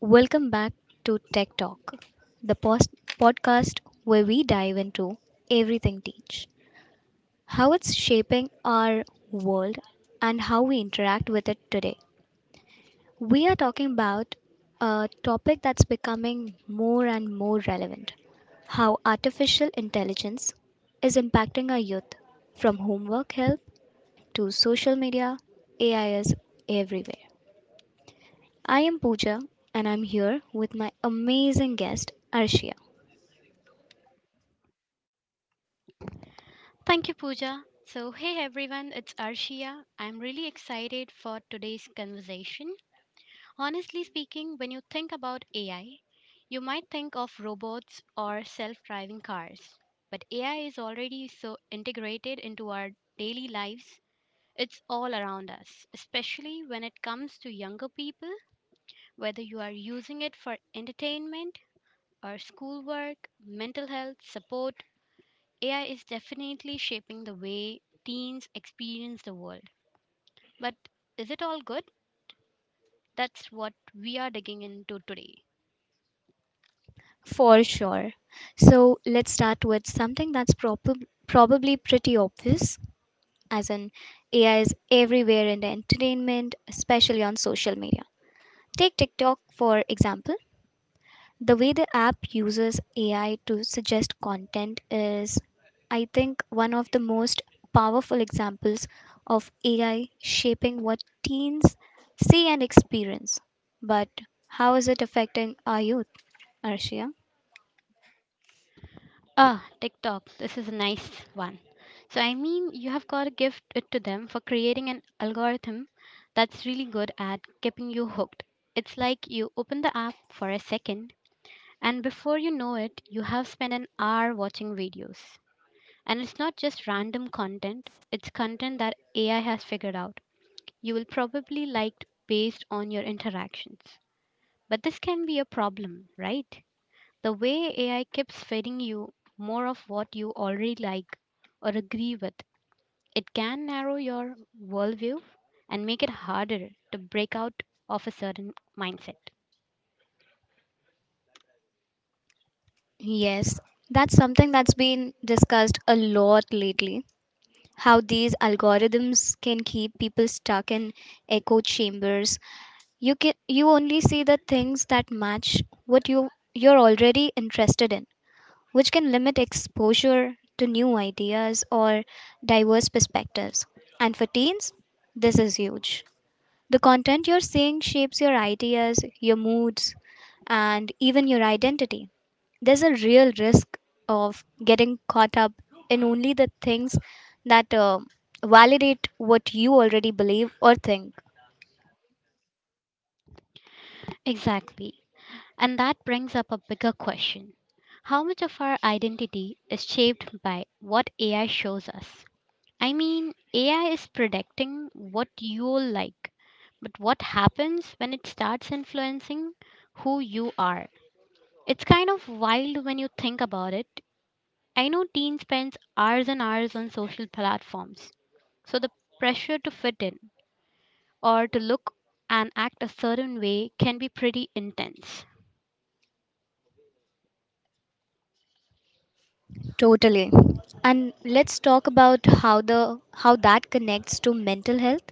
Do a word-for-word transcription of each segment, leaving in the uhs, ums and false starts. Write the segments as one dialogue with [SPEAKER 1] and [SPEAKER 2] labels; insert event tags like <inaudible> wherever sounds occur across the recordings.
[SPEAKER 1] Welcome back to Tech Talk, the post- podcast where we dive into everything teach, how it's shaping our world, and how we interact with it today. We are talking about a topic that's becoming more and more relevant. How artificial intelligence is impacting our youth. From homework help to social media, A I is everywhere. I am Pooja and I'm here with my amazing guest, Arshia.
[SPEAKER 2] Thank you, Pooja. So, hey everyone, it's Arshia. I'm really excited for today's conversation. Honestly speaking, when you think about A I, you might think of robots or self driving cars. But A I is already so integrated into our daily lives, it's all around us, especially when it comes to younger people, whether you are using it for entertainment or schoolwork, mental health, support, A I is definitely shaping the way teens experience the world. But is it all good? That's what we are digging into today.
[SPEAKER 1] For sure. So let's start with something that's prob- probably pretty obvious, as in A I is everywhere in the entertainment, especially on social media. Take TikTok, for example. The way the app uses A I to suggest content is, I think, one of the most powerful examples of A I shaping what teens see and experience. But how is it affecting our youth, Arshia?
[SPEAKER 2] Ah, TikTok. This is a nice one. So, I mean, you have got to give it to them for creating an algorithm that's really good at keeping you hooked. It's like you open the app for a second, and before you know it, you have spent an hour watching videos. And it's not just random content, it's content that A I has figured out you will probably liked based on your interactions. But this can be a problem, right? The way A I keeps feeding you more of what you already like or agree with, it can narrow your worldview and make it harder to break out of a certain mindset.
[SPEAKER 1] Yes, that's something that's been discussed a lot lately. How these algorithms can keep people stuck in echo chambers. You can you only see the things that match what you you're already interested in, which can limit exposure to new ideas or diverse perspectives. And for teens, this is huge. The content you're seeing shapes your ideas, your moods, and even your identity. There's a real risk of getting caught up in only the things that uh, validate what you already believe or think.
[SPEAKER 2] Exactly. And that brings up a bigger question. How much of our identity is shaped by what A I shows us? I mean, A I is predicting what you'll like, but what happens when it starts influencing who you are? It's kind of wild when you think about it. I know teens spends hours and hours on social platforms, so the pressure to fit in or to look and act a certain way can be pretty intense.
[SPEAKER 1] Totally. And let's talk about how the how that connects to mental health.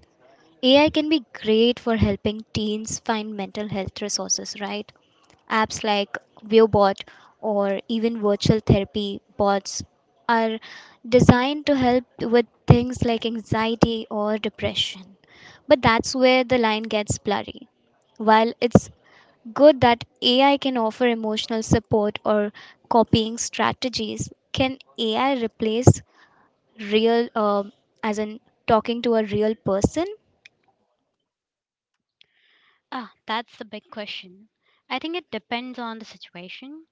[SPEAKER 1] A I can be great for helping teens find mental health resources, right? Apps like ViewBot or even virtual therapy bots are designed to help with things like anxiety or depression. But that's where the line gets blurry. While it's good that A I can offer emotional support or copying strategies, can A I replace real, um as in talking to a real person?
[SPEAKER 2] Ah, that's the big question. I think it depends on the situation.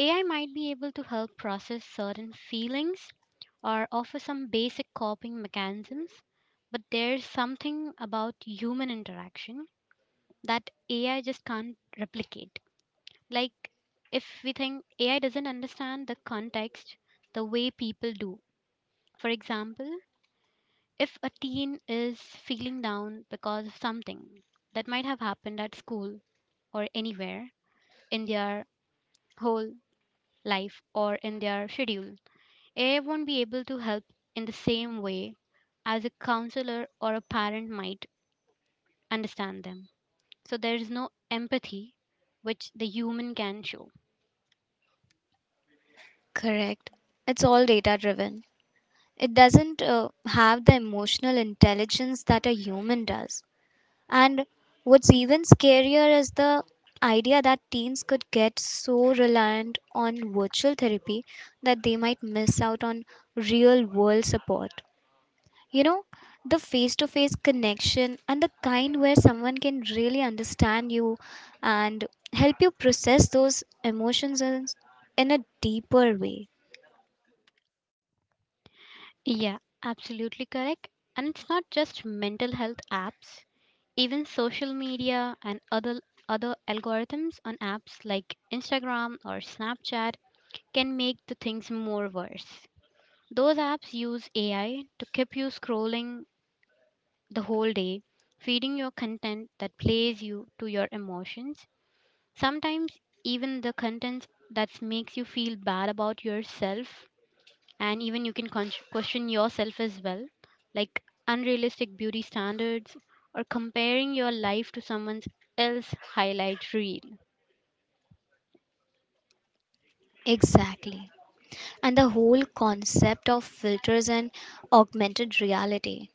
[SPEAKER 2] A I might be able to help process certain feelings or offer some basic coping mechanisms, but there's something about human interaction that A I just can't replicate. Like, if we think A I doesn't understand the context the way people do. For example, if a teen is feeling down because of something that might have happened at school or anywhere in their whole life or in their schedule, A I won't be able to help in the same way as a counselor or a parent might understand them. So there is no empathy which the human can show.
[SPEAKER 1] Correct. It's all data driven. It doesn't uh, have the emotional intelligence that a human does. And what's even scarier is the idea that teens could get so reliant on virtual therapy that they might miss out on real world support. You know, the face to face connection and the kind where someone can really understand you and help you process those emotions in, in a deeper way.
[SPEAKER 2] Yeah, absolutely correct. And it's not just mental health apps, even social media and other other algorithms on apps like Instagram or Snapchat can make the things more worse. Those apps use A I to keep you scrolling the whole day, feeding your content that plays you to your emotions. Sometimes even the content that makes you feel bad about yourself, and even you can con- question yourself as well, like unrealistic beauty standards or comparing your life to someone else's highlight reel.
[SPEAKER 1] Exactly. And the whole concept of filters and augmented reality.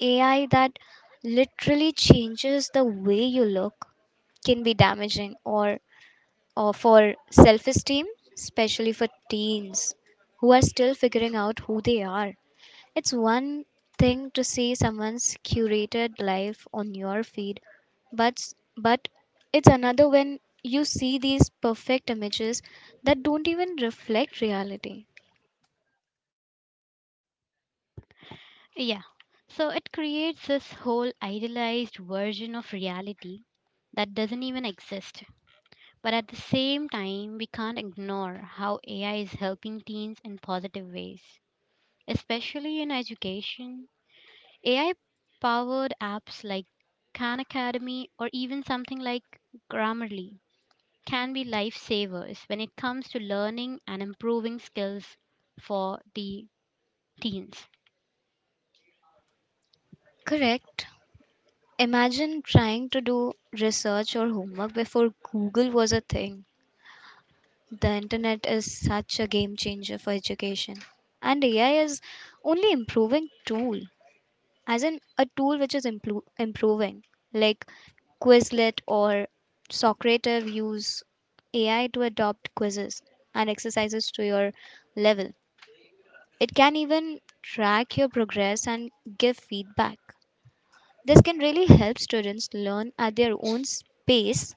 [SPEAKER 1] A I that literally changes the way you look can be damaging or, or for self esteem, especially for teens who are still figuring out who they are. It's one thing to see someone's curated life on your feed, but s- but it's another when you see these perfect images that don't even reflect reality.
[SPEAKER 2] Yeah. So it creates this whole idealized version of reality that doesn't even exist. But at the same time, we can't ignore how A I is helping teens in positive ways, especially in education. A I powered apps like Khan Academy or even something like Grammarly can be lifesavers when it comes to learning and improving skills for the teens.
[SPEAKER 1] Correct. Imagine trying to do research or homework before Google was a thing. The internet is such a game changer for education. And A I is only improving tool, as in a tool which is impro- improving. Like Quizlet or Socrative use A I to adopt quizzes and exercises to your level. It can even track your progress and give feedback. This can really help students learn at their own s- pace.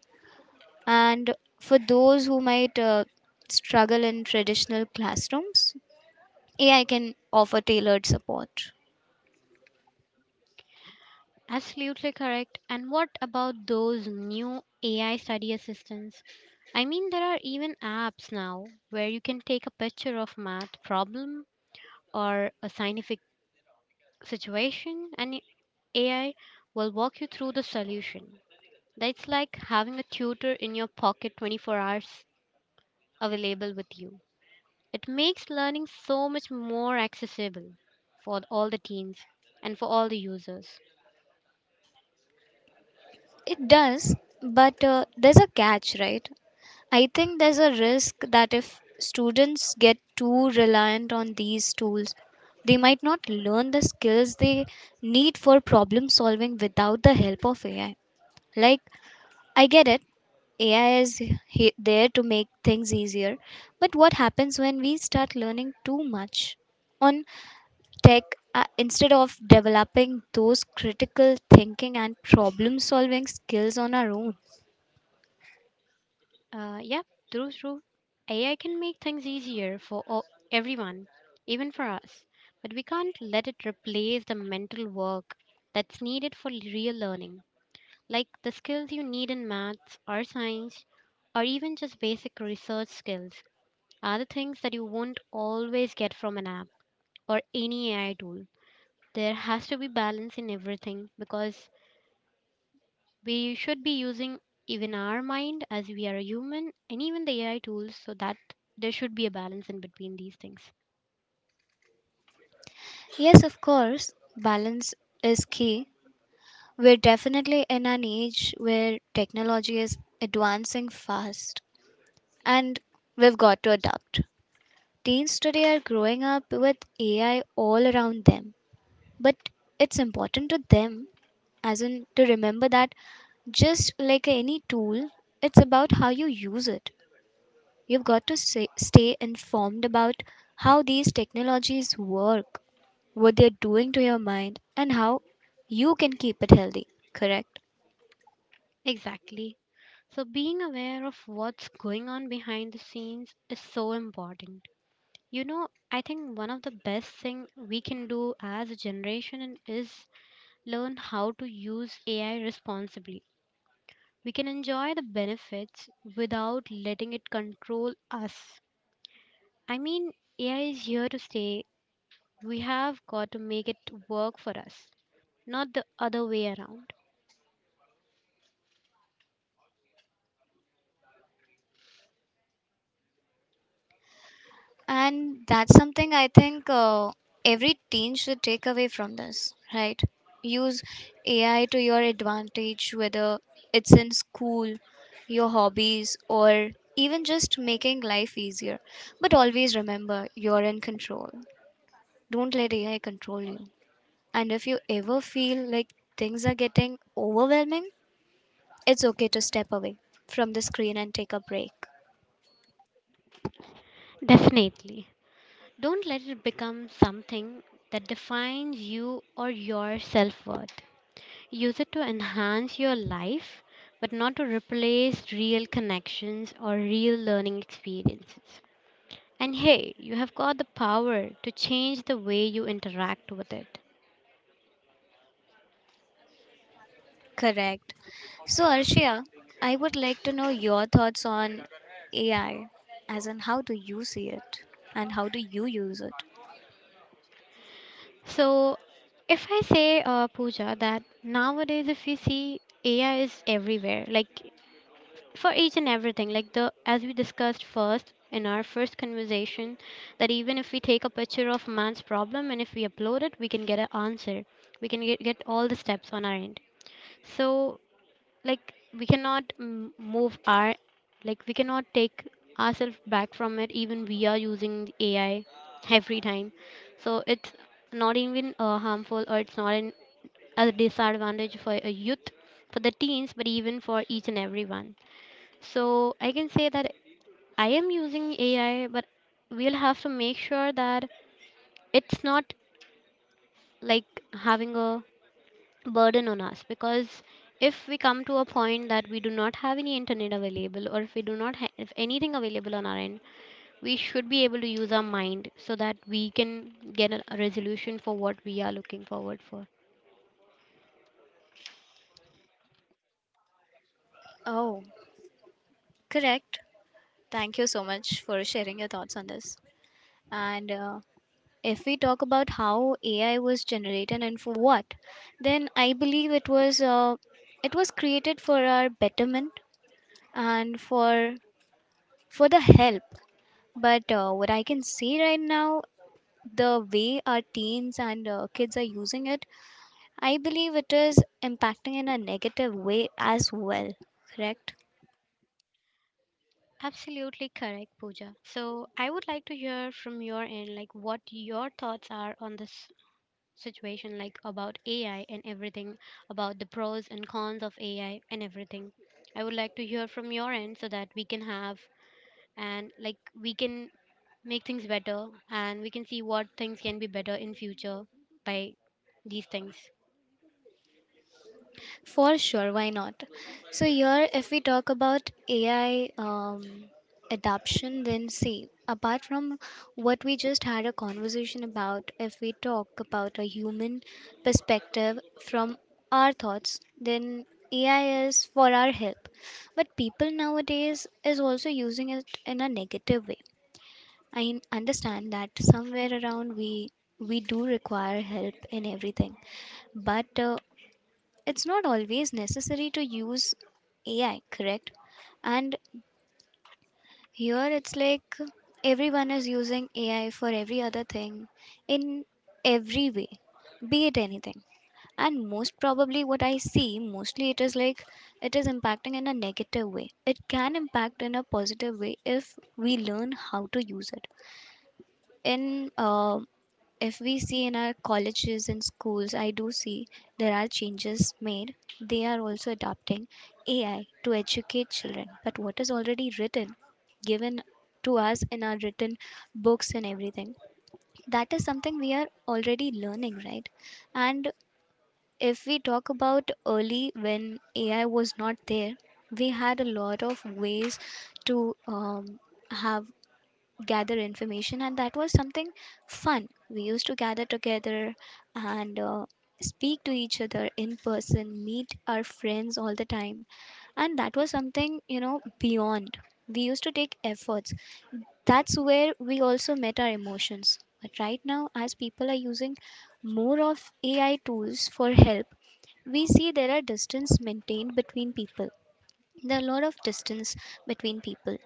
[SPEAKER 1] And for those who might uh, struggle in traditional classrooms, A I can offer tailored support.
[SPEAKER 2] Absolutely correct. And what about those new A I study assistants? I mean, there are even apps now where you can take a picture of math problem or a scientific situation and it- A I will walk you through the solution. That's like having a tutor in your pocket twenty-four hours available with you. It makes learning so much more accessible for all the teens and for all the users.
[SPEAKER 1] It does, but uh, there's a catch, right? I think there's a risk that if students get too reliant on these tools, they might not learn the skills they need for problem solving without the help of A I. Like, I get it, A I is he- there to make things easier. But what happens when we start learning too much on tech uh, instead of developing those critical thinking and problem solving skills on our own?
[SPEAKER 2] Uh, yeah, true, true. A I can make things easier for all, everyone, even for us, but we can't let it replace the mental work that's needed for real learning, like the skills you need in maths or science, or even just basic research skills. Are the things that you won't always get from an app or any A I tool. There has to be balance in everything because we should be using even our mind as we are a human and even the A I tools so that there should be a balance in between these things.
[SPEAKER 1] Yes, of course, balance is key. We're definitely in an age where technology is advancing fast and we've got to adapt. Teens today are growing up with A I all around them, but it's important to them, as in to remember that just like any tool, it's about how you use it. You've got to say, stay informed about how these technologies work, what they're doing to your mind, and how you can keep it healthy. Correct.
[SPEAKER 2] Exactly. So, being aware of what's going on behind the scenes is so important. You know, I think one of the best thing we can do as a generation and is learn how to use A I responsibly. We can enjoy the benefits without letting it control us. I mean, A I is here to stay. We have got to make it work for us, not the other way around.
[SPEAKER 1] And that's something I think uh, every teen should take away from this, right? Use A I to your advantage, whether it's in school, your hobbies, or even just making life easier. But always remember, you're in control. Don't let A I control you. And if you ever feel like things are getting overwhelming, it's okay to step away from the screen and take a break.
[SPEAKER 2] Definitely. Don't let it become something that defines you or your self worth. Use it to enhance your life, but not to replace real connections or real learning experiences. And hey, you have got the power to change the way you interact with it.
[SPEAKER 1] Correct. So, Arshia, I would like to know your thoughts on A I, as in how do you see it and how do you use it?
[SPEAKER 2] So, if I say, uh, Pooja, that nowadays if you see A I is everywhere, like for each and everything like the as we discussed first in our first conversation that even if we take a picture of a man's problem and if we upload it we can get an answer we can get, get all the steps on our end, so like we cannot m- move our, like we cannot take ourselves back from it even we are using AI every time. So it's not even uh, harmful, or it's not an, a disadvantage for a youth, for the teens, but even for each and everyone. So I can say that I am using A I, but we'll have to make sure that it's not like having a burden on us, because if we come to a point that we do not have any internet available or if we do not have anything available on our end, we should be able to use our mind so that we can get a a resolution for what we are looking forward for.
[SPEAKER 1] Oh, correct. Thank you so much for sharing your thoughts on this. And uh, if we talk about how A I was generated and for what, then I believe it was uh, it was created for our betterment and for for the help. But uh, what I can see right now, the way our teens and uh, kids are using it, I believe it is impacting in a negative way as well. Correct?
[SPEAKER 2] Absolutely correct, Pooja. So I would like to hear from your end, like what your thoughts are on this situation, like about A I and everything, about the pros and cons of A I and everything. I would like to hear from your end so that we can have and like we can make things better and we can see what things can be better in future by these things.
[SPEAKER 1] For sure, why not? So, here, if we talk about A I um, adoption, then see, apart from what we just had a conversation about, if we talk about a human perspective from our thoughts, then A I is for our help. But people nowadays is also using it in a negative way. I n- understand that somewhere around we we do require help in everything, but uh, it's not always necessary to use A I, correct? And here it's like everyone is using A I for every other thing in every way, be it anything. And most probably, what I see mostly it is like it is impacting in a negative way. It can impact in a positive way if we learn how to use it. In uh, If we see in our colleges and schools, I do see there are changes made. They are also adopting A I to educate children. But what is already written, given to us in our written books and everything, that is something we are already learning, right? And if we talk about early when A I was not there, we had a lot of ways to um, have gather information, and that was something fun. We used to gather together and uh, speak to each other in person, meet our friends all the time, and that was something, you know, beyond. We used to take efforts. That's where we also met our emotions. But right now, as people are using more of AI tools for help, we see there are distance maintained between people. There are a lot of distance between people.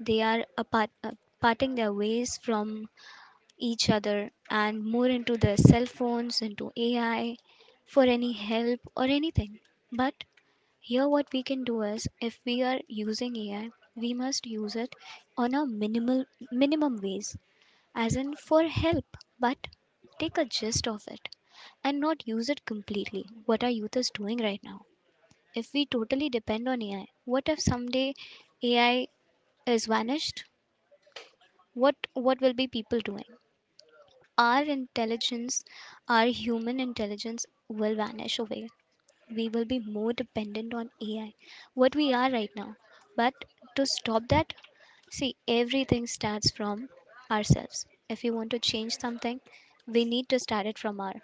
[SPEAKER 1] They are apart, uh, parting their ways from each other and more into their cell phones, into A I for any help or anything. But here, what we can do is if we are using A I, we must use it on a minimal minimum ways, as in for help, but take a gist of it and not use it completely. What our youth is doing right now. If we totally depend on A I, what if someday A I is vanished? What what will be people doing? Our intelligence, our human intelligence will vanish away. We will be more dependent on A I, what we are right now. But to stop that, see, everything starts from ourselves. If we want to change something, we need to start it from our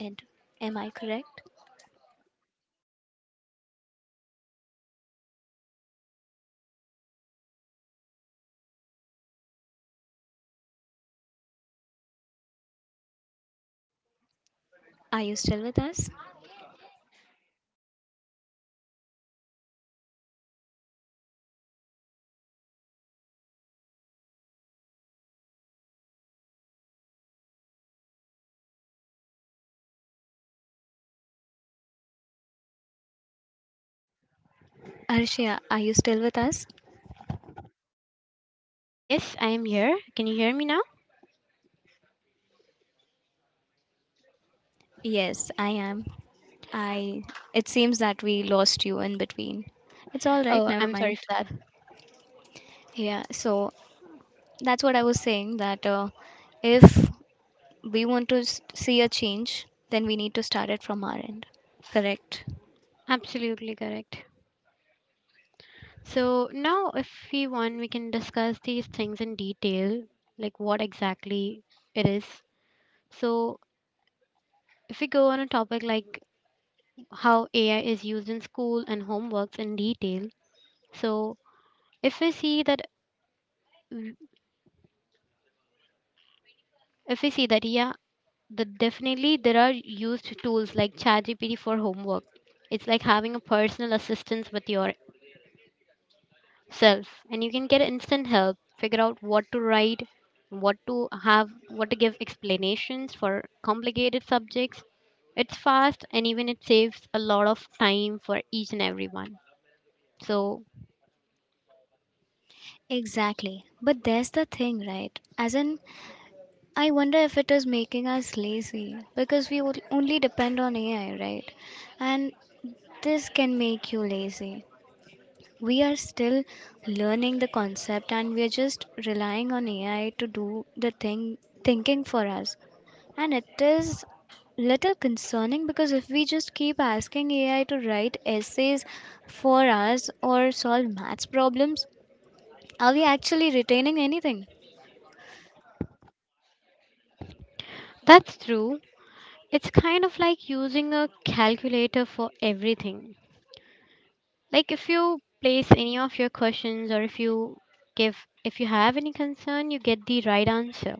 [SPEAKER 1] end. Am I correct? Are you still with us? Arshia, are you still with us?
[SPEAKER 2] Yes, I am here. Can you hear me now?
[SPEAKER 1] Yes, I am. I It seems that we lost you in between. It's all right,
[SPEAKER 2] Oh,
[SPEAKER 1] never
[SPEAKER 2] I'm sorry
[SPEAKER 1] mind.
[SPEAKER 2] for that.
[SPEAKER 1] Yeah, so that's what I was saying that uh, if we want to s- see a change, then we need to start it from our end. Correct.
[SPEAKER 2] Absolutely correct. So now, if we want, we can discuss these things in detail, like what exactly it is. So, if we go on a topic like how A I is used in school and homeworks in detail. So if we see that, mm, if we see that, yeah, the definitely there are used tools like ChatGPT for homework. It's like having a personal assistance with yourself, and you can get instant help, figure out what to write, what to have, what to give explanations for complicated subjects. It's fast, and even it saves a lot of time for each and everyone. So
[SPEAKER 1] Exactly. But there's the thing, right? As in, I wonder if it is making us lazy, because we would only depend on A I, right? And this can make you lazy. We are still learning the concept and we are just relying on A I to do the thing thinking for us. And it is little concerning because if we just keep asking A I to write essays for us or solve maths problems, are we actually retaining anything?
[SPEAKER 2] that's true. It's kind of like using a calculator for everything. Like if you place any of your questions or if you give, if you have any concern, you get the right answer.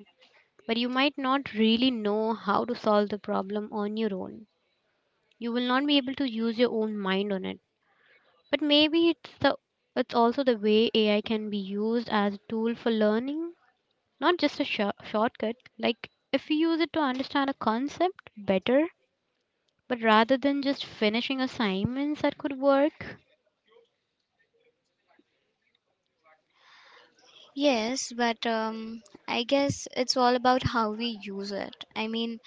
[SPEAKER 2] But you might not really know how to solve the problem on your own. You will not be able to use your own mind on it. But maybe it's the it's also the way A I can be used as a tool for learning, not just a shor- shortcut. Like if we use it to understand a concept better, but rather than just finishing assignments that could work,
[SPEAKER 1] Yes, but um, I guess it's all about how we use it. I mean,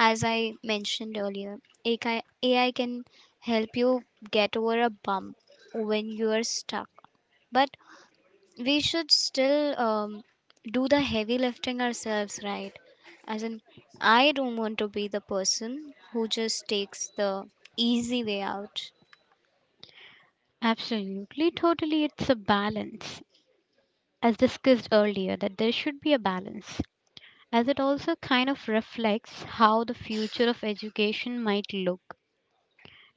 [SPEAKER 1] as I mentioned earlier, A I, A I can help you get over a bump when you are stuck. But we should still um, do the heavy lifting ourselves, right? As in, I don't want to be the person who just takes the easy way out.
[SPEAKER 2] absolutely, totally, it's a balance. As discussed earlier, that there should be a balance, as it also kind of reflects how the future of education might look.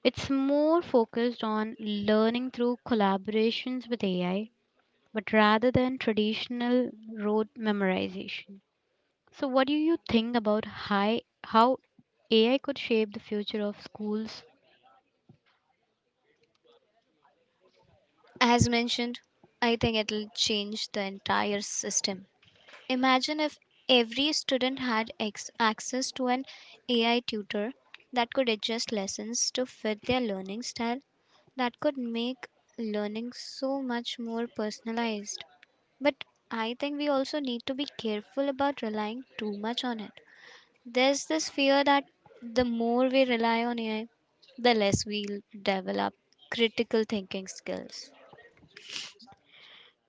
[SPEAKER 2] It's more focused on learning through collaborations with A I, but rather than traditional rote memorization. So, what do you think about high, how A I could shape the future of schools?
[SPEAKER 1] As mentioned, I think it'll change the entire system. Imagine if every student had ex- access to an A I tutor that could adjust lessons to fit their learning style, that could make learning so much more personalized. But I think we also need to be careful about relying too much on it. There's this fear that the more we rely on A I, the less we'll develop critical thinking skills.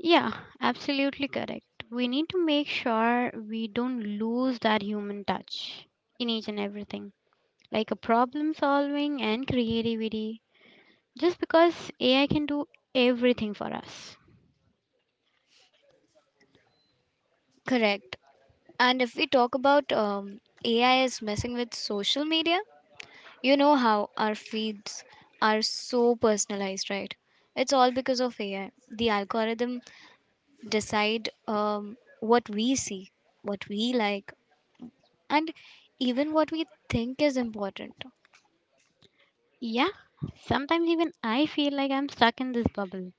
[SPEAKER 2] Yeah, absolutely correct. We need to make sure we don't lose that human touch in each and everything, like a problem solving and creativity, just because A I can do everything for us.
[SPEAKER 1] Correct. And if we talk about um, A I is messing with social media. You know how our feeds are so personalized, right? It's all because of A I. The algorithm decide um, what we see, what we like, and even what we think is important.
[SPEAKER 2] Yeah, sometimes even I feel like I'm stuck in this bubble.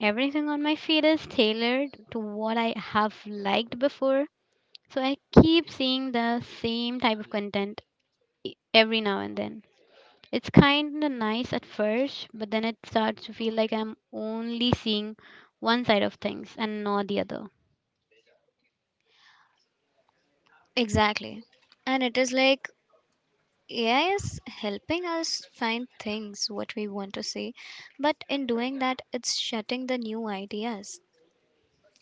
[SPEAKER 2] Everything on my feed is tailored to what I have liked before, so I keep seeing the same type of content e- every now and then. It's kind of nice at first, but then it starts to feel like I'm only seeing one side of things and not the other.
[SPEAKER 1] Exactly. And it is like A I is helping us find things what we want to see, but in doing that, it's shutting the new ideas.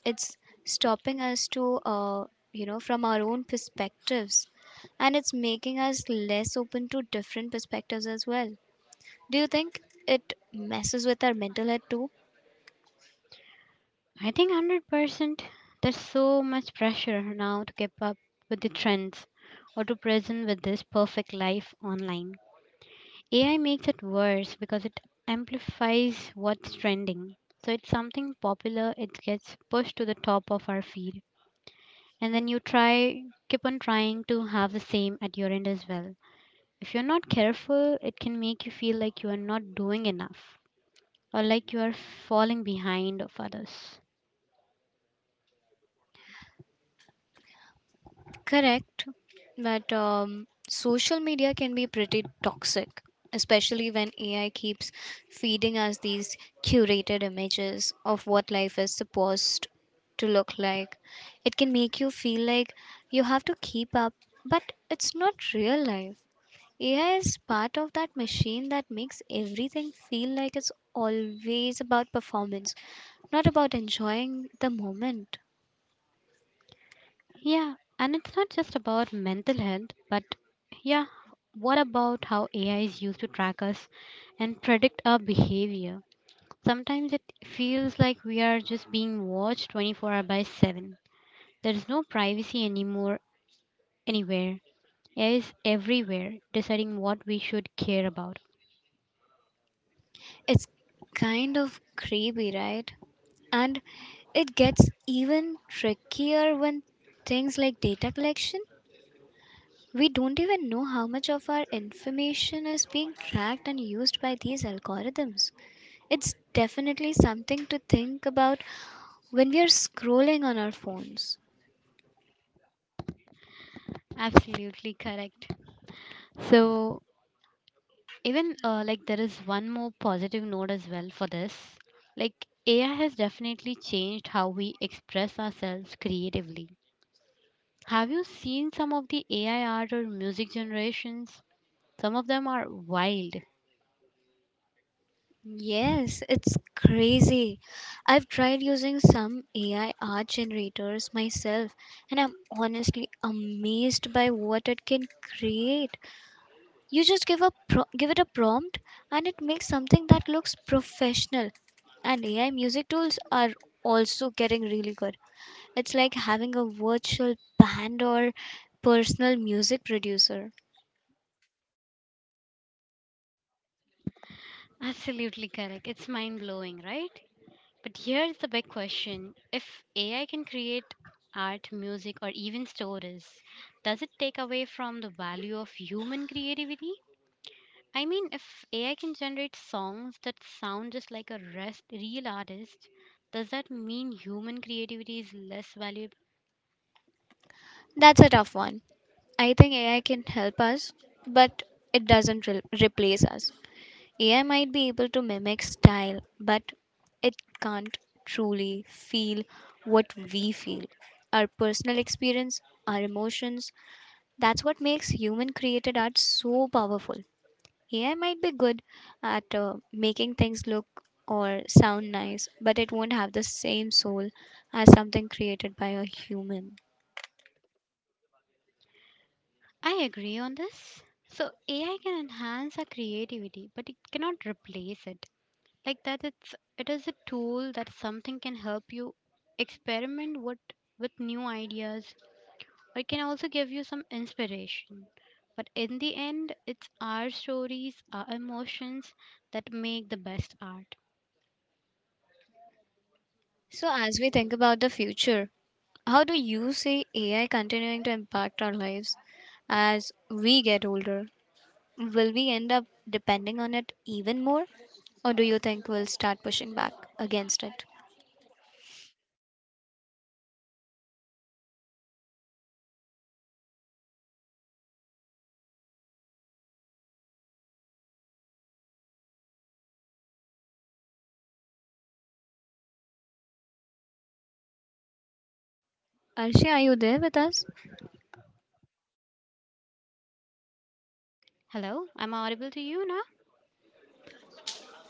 [SPEAKER 1] It's stopping us to, uh, you know, from our own perspectives, and it's making us less open to different perspectives as well. Do you think it messes with our mental health too?
[SPEAKER 2] I think one hundred percent, there's so much pressure now to keep up with the trends or to present with this perfect life online. A I makes it worse because it amplifies what's trending. So it's something popular, it gets pushed to the top of our feed. And then you try, keep on trying to have the same at your end as well. If you're not careful, it can make you feel like you are not doing enough or like you are falling behind of others.
[SPEAKER 1] Correct. But um, social media can be pretty toxic, especially when AI keeps feeding us these curated images of what life is supposed to look like. It can make you feel like you have to keep up, but it's not real life. A I is part of that machine that makes everything feel like it's always about performance, not about enjoying the moment.
[SPEAKER 2] Yeah, and it's not just about mental health, but yeah, what about how A I is used to track us and predict our behavior? Sometimes it feels like we are just being watched twenty-four hours by seven. There is no privacy anymore anywhere. A I is everywhere, deciding what we should care about.
[SPEAKER 1] It's kind of creepy, right? And it gets even trickier when things like data collection. We don't even know how much of our information is being tracked and used by these algorithms. It's definitely something to think about when we are scrolling on our phones.
[SPEAKER 2] Absolutely correct. So, even uh, like there is one more positive note as well for this, like AI has definitely changed how we express ourselves creatively. Have you seen some of the AI art or music generations? Some of them are wild.
[SPEAKER 1] Yes, it's crazy. I've tried using some A I art generators myself, and I'm honestly amazed by what it can create. You just give a pro- give it a prompt, and it makes something that looks professional. And A I music tools are also getting really good. It's like having a virtual band or personal music producer.
[SPEAKER 2] Absolutely correct. It's mind blowing, right? But here's the big question: if A I can create art, music, or even stories, does it take away from the value of human creativity? I mean, if A I can generate songs that sound just like a rest, real artist, does that mean human creativity is less valuable?
[SPEAKER 1] That's a tough one. I think A I can help us, but it doesn't re- replace us. A I might be able to mimic style, but it can't truly feel what we feel. Our personal experience, our emotions, that's what makes human created art so powerful. A I might be good at uh, making things look or sound nice, but it won't have the same soul as something created by a human.
[SPEAKER 2] I agree on this. So, A I can enhance our creativity, but it cannot replace it. Like that, it's it is a tool that something can help you experiment what with new ideas. It can also give you some inspiration. But in the end, it's our stories, our emotions that make the best art.
[SPEAKER 1] So, as we think about the future, how do you see A I continuing to impact our lives as we get older? Will we end up depending on it even more, or do you think we'll start pushing back against it? Arshi, are you there with us?
[SPEAKER 2] Hello, I'm audible to you now?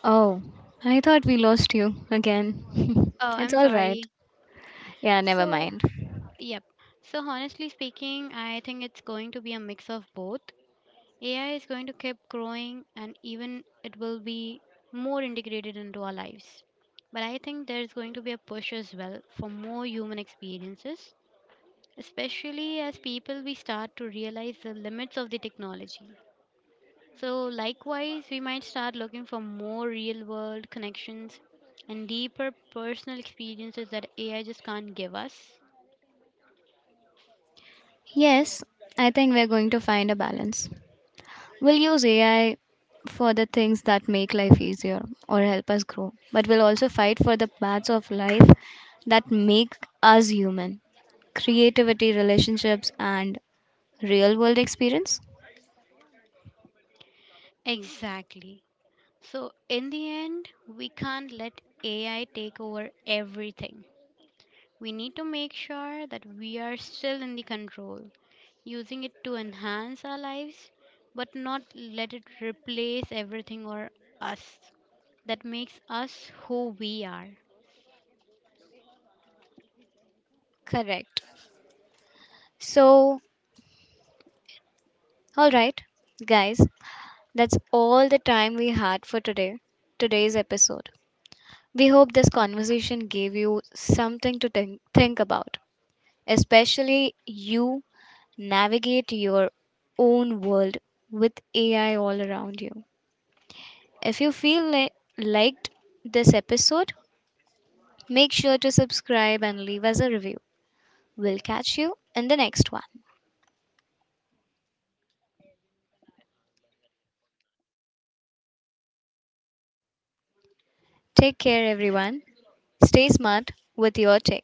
[SPEAKER 1] Oh, I thought we lost you again. <laughs>
[SPEAKER 2] Oh,
[SPEAKER 1] It's
[SPEAKER 2] I'm
[SPEAKER 1] all right.
[SPEAKER 2] sorry.
[SPEAKER 1] Yeah, never
[SPEAKER 2] So,
[SPEAKER 1] mind.
[SPEAKER 2] yep. So, honestly speaking, I think it's going to be a mix of both. A I is going to keep growing and even it will be more integrated into our lives. But I think there's going to be a push as well for more human experiences, especially as people we start to realize the limits of the technology. So, likewise, we might start looking for more real world connections and deeper personal experiences that A I just can't give us.
[SPEAKER 1] Yes, I think we're going to find a balance. We'll use A I for the things that make life easier or help us grow, but we'll also fight for the parts of life that make us human. Creativity, relationships, and real world experience.
[SPEAKER 2] Exactly. So, in the end, we can't let A I take over everything. We need to make sure that we are still in the control, using it to enhance our lives, but not let it replace everything or us that makes us who we are.
[SPEAKER 1] Correct. So, all right, guys, that's all the time we had for today, today's episode. We hope this conversation gave you something to think, think about. Especially you navigate your own world with A I all around you. If you feel li- liked this episode, make sure to subscribe and leave us a review. We'll catch you in the next one. Take care, everyone. Stay smart with your tech.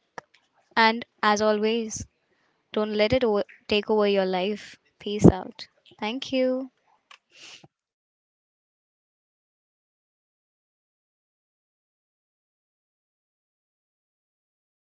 [SPEAKER 1] And as always, don't let it o- take over your life. Peace out. Thank you.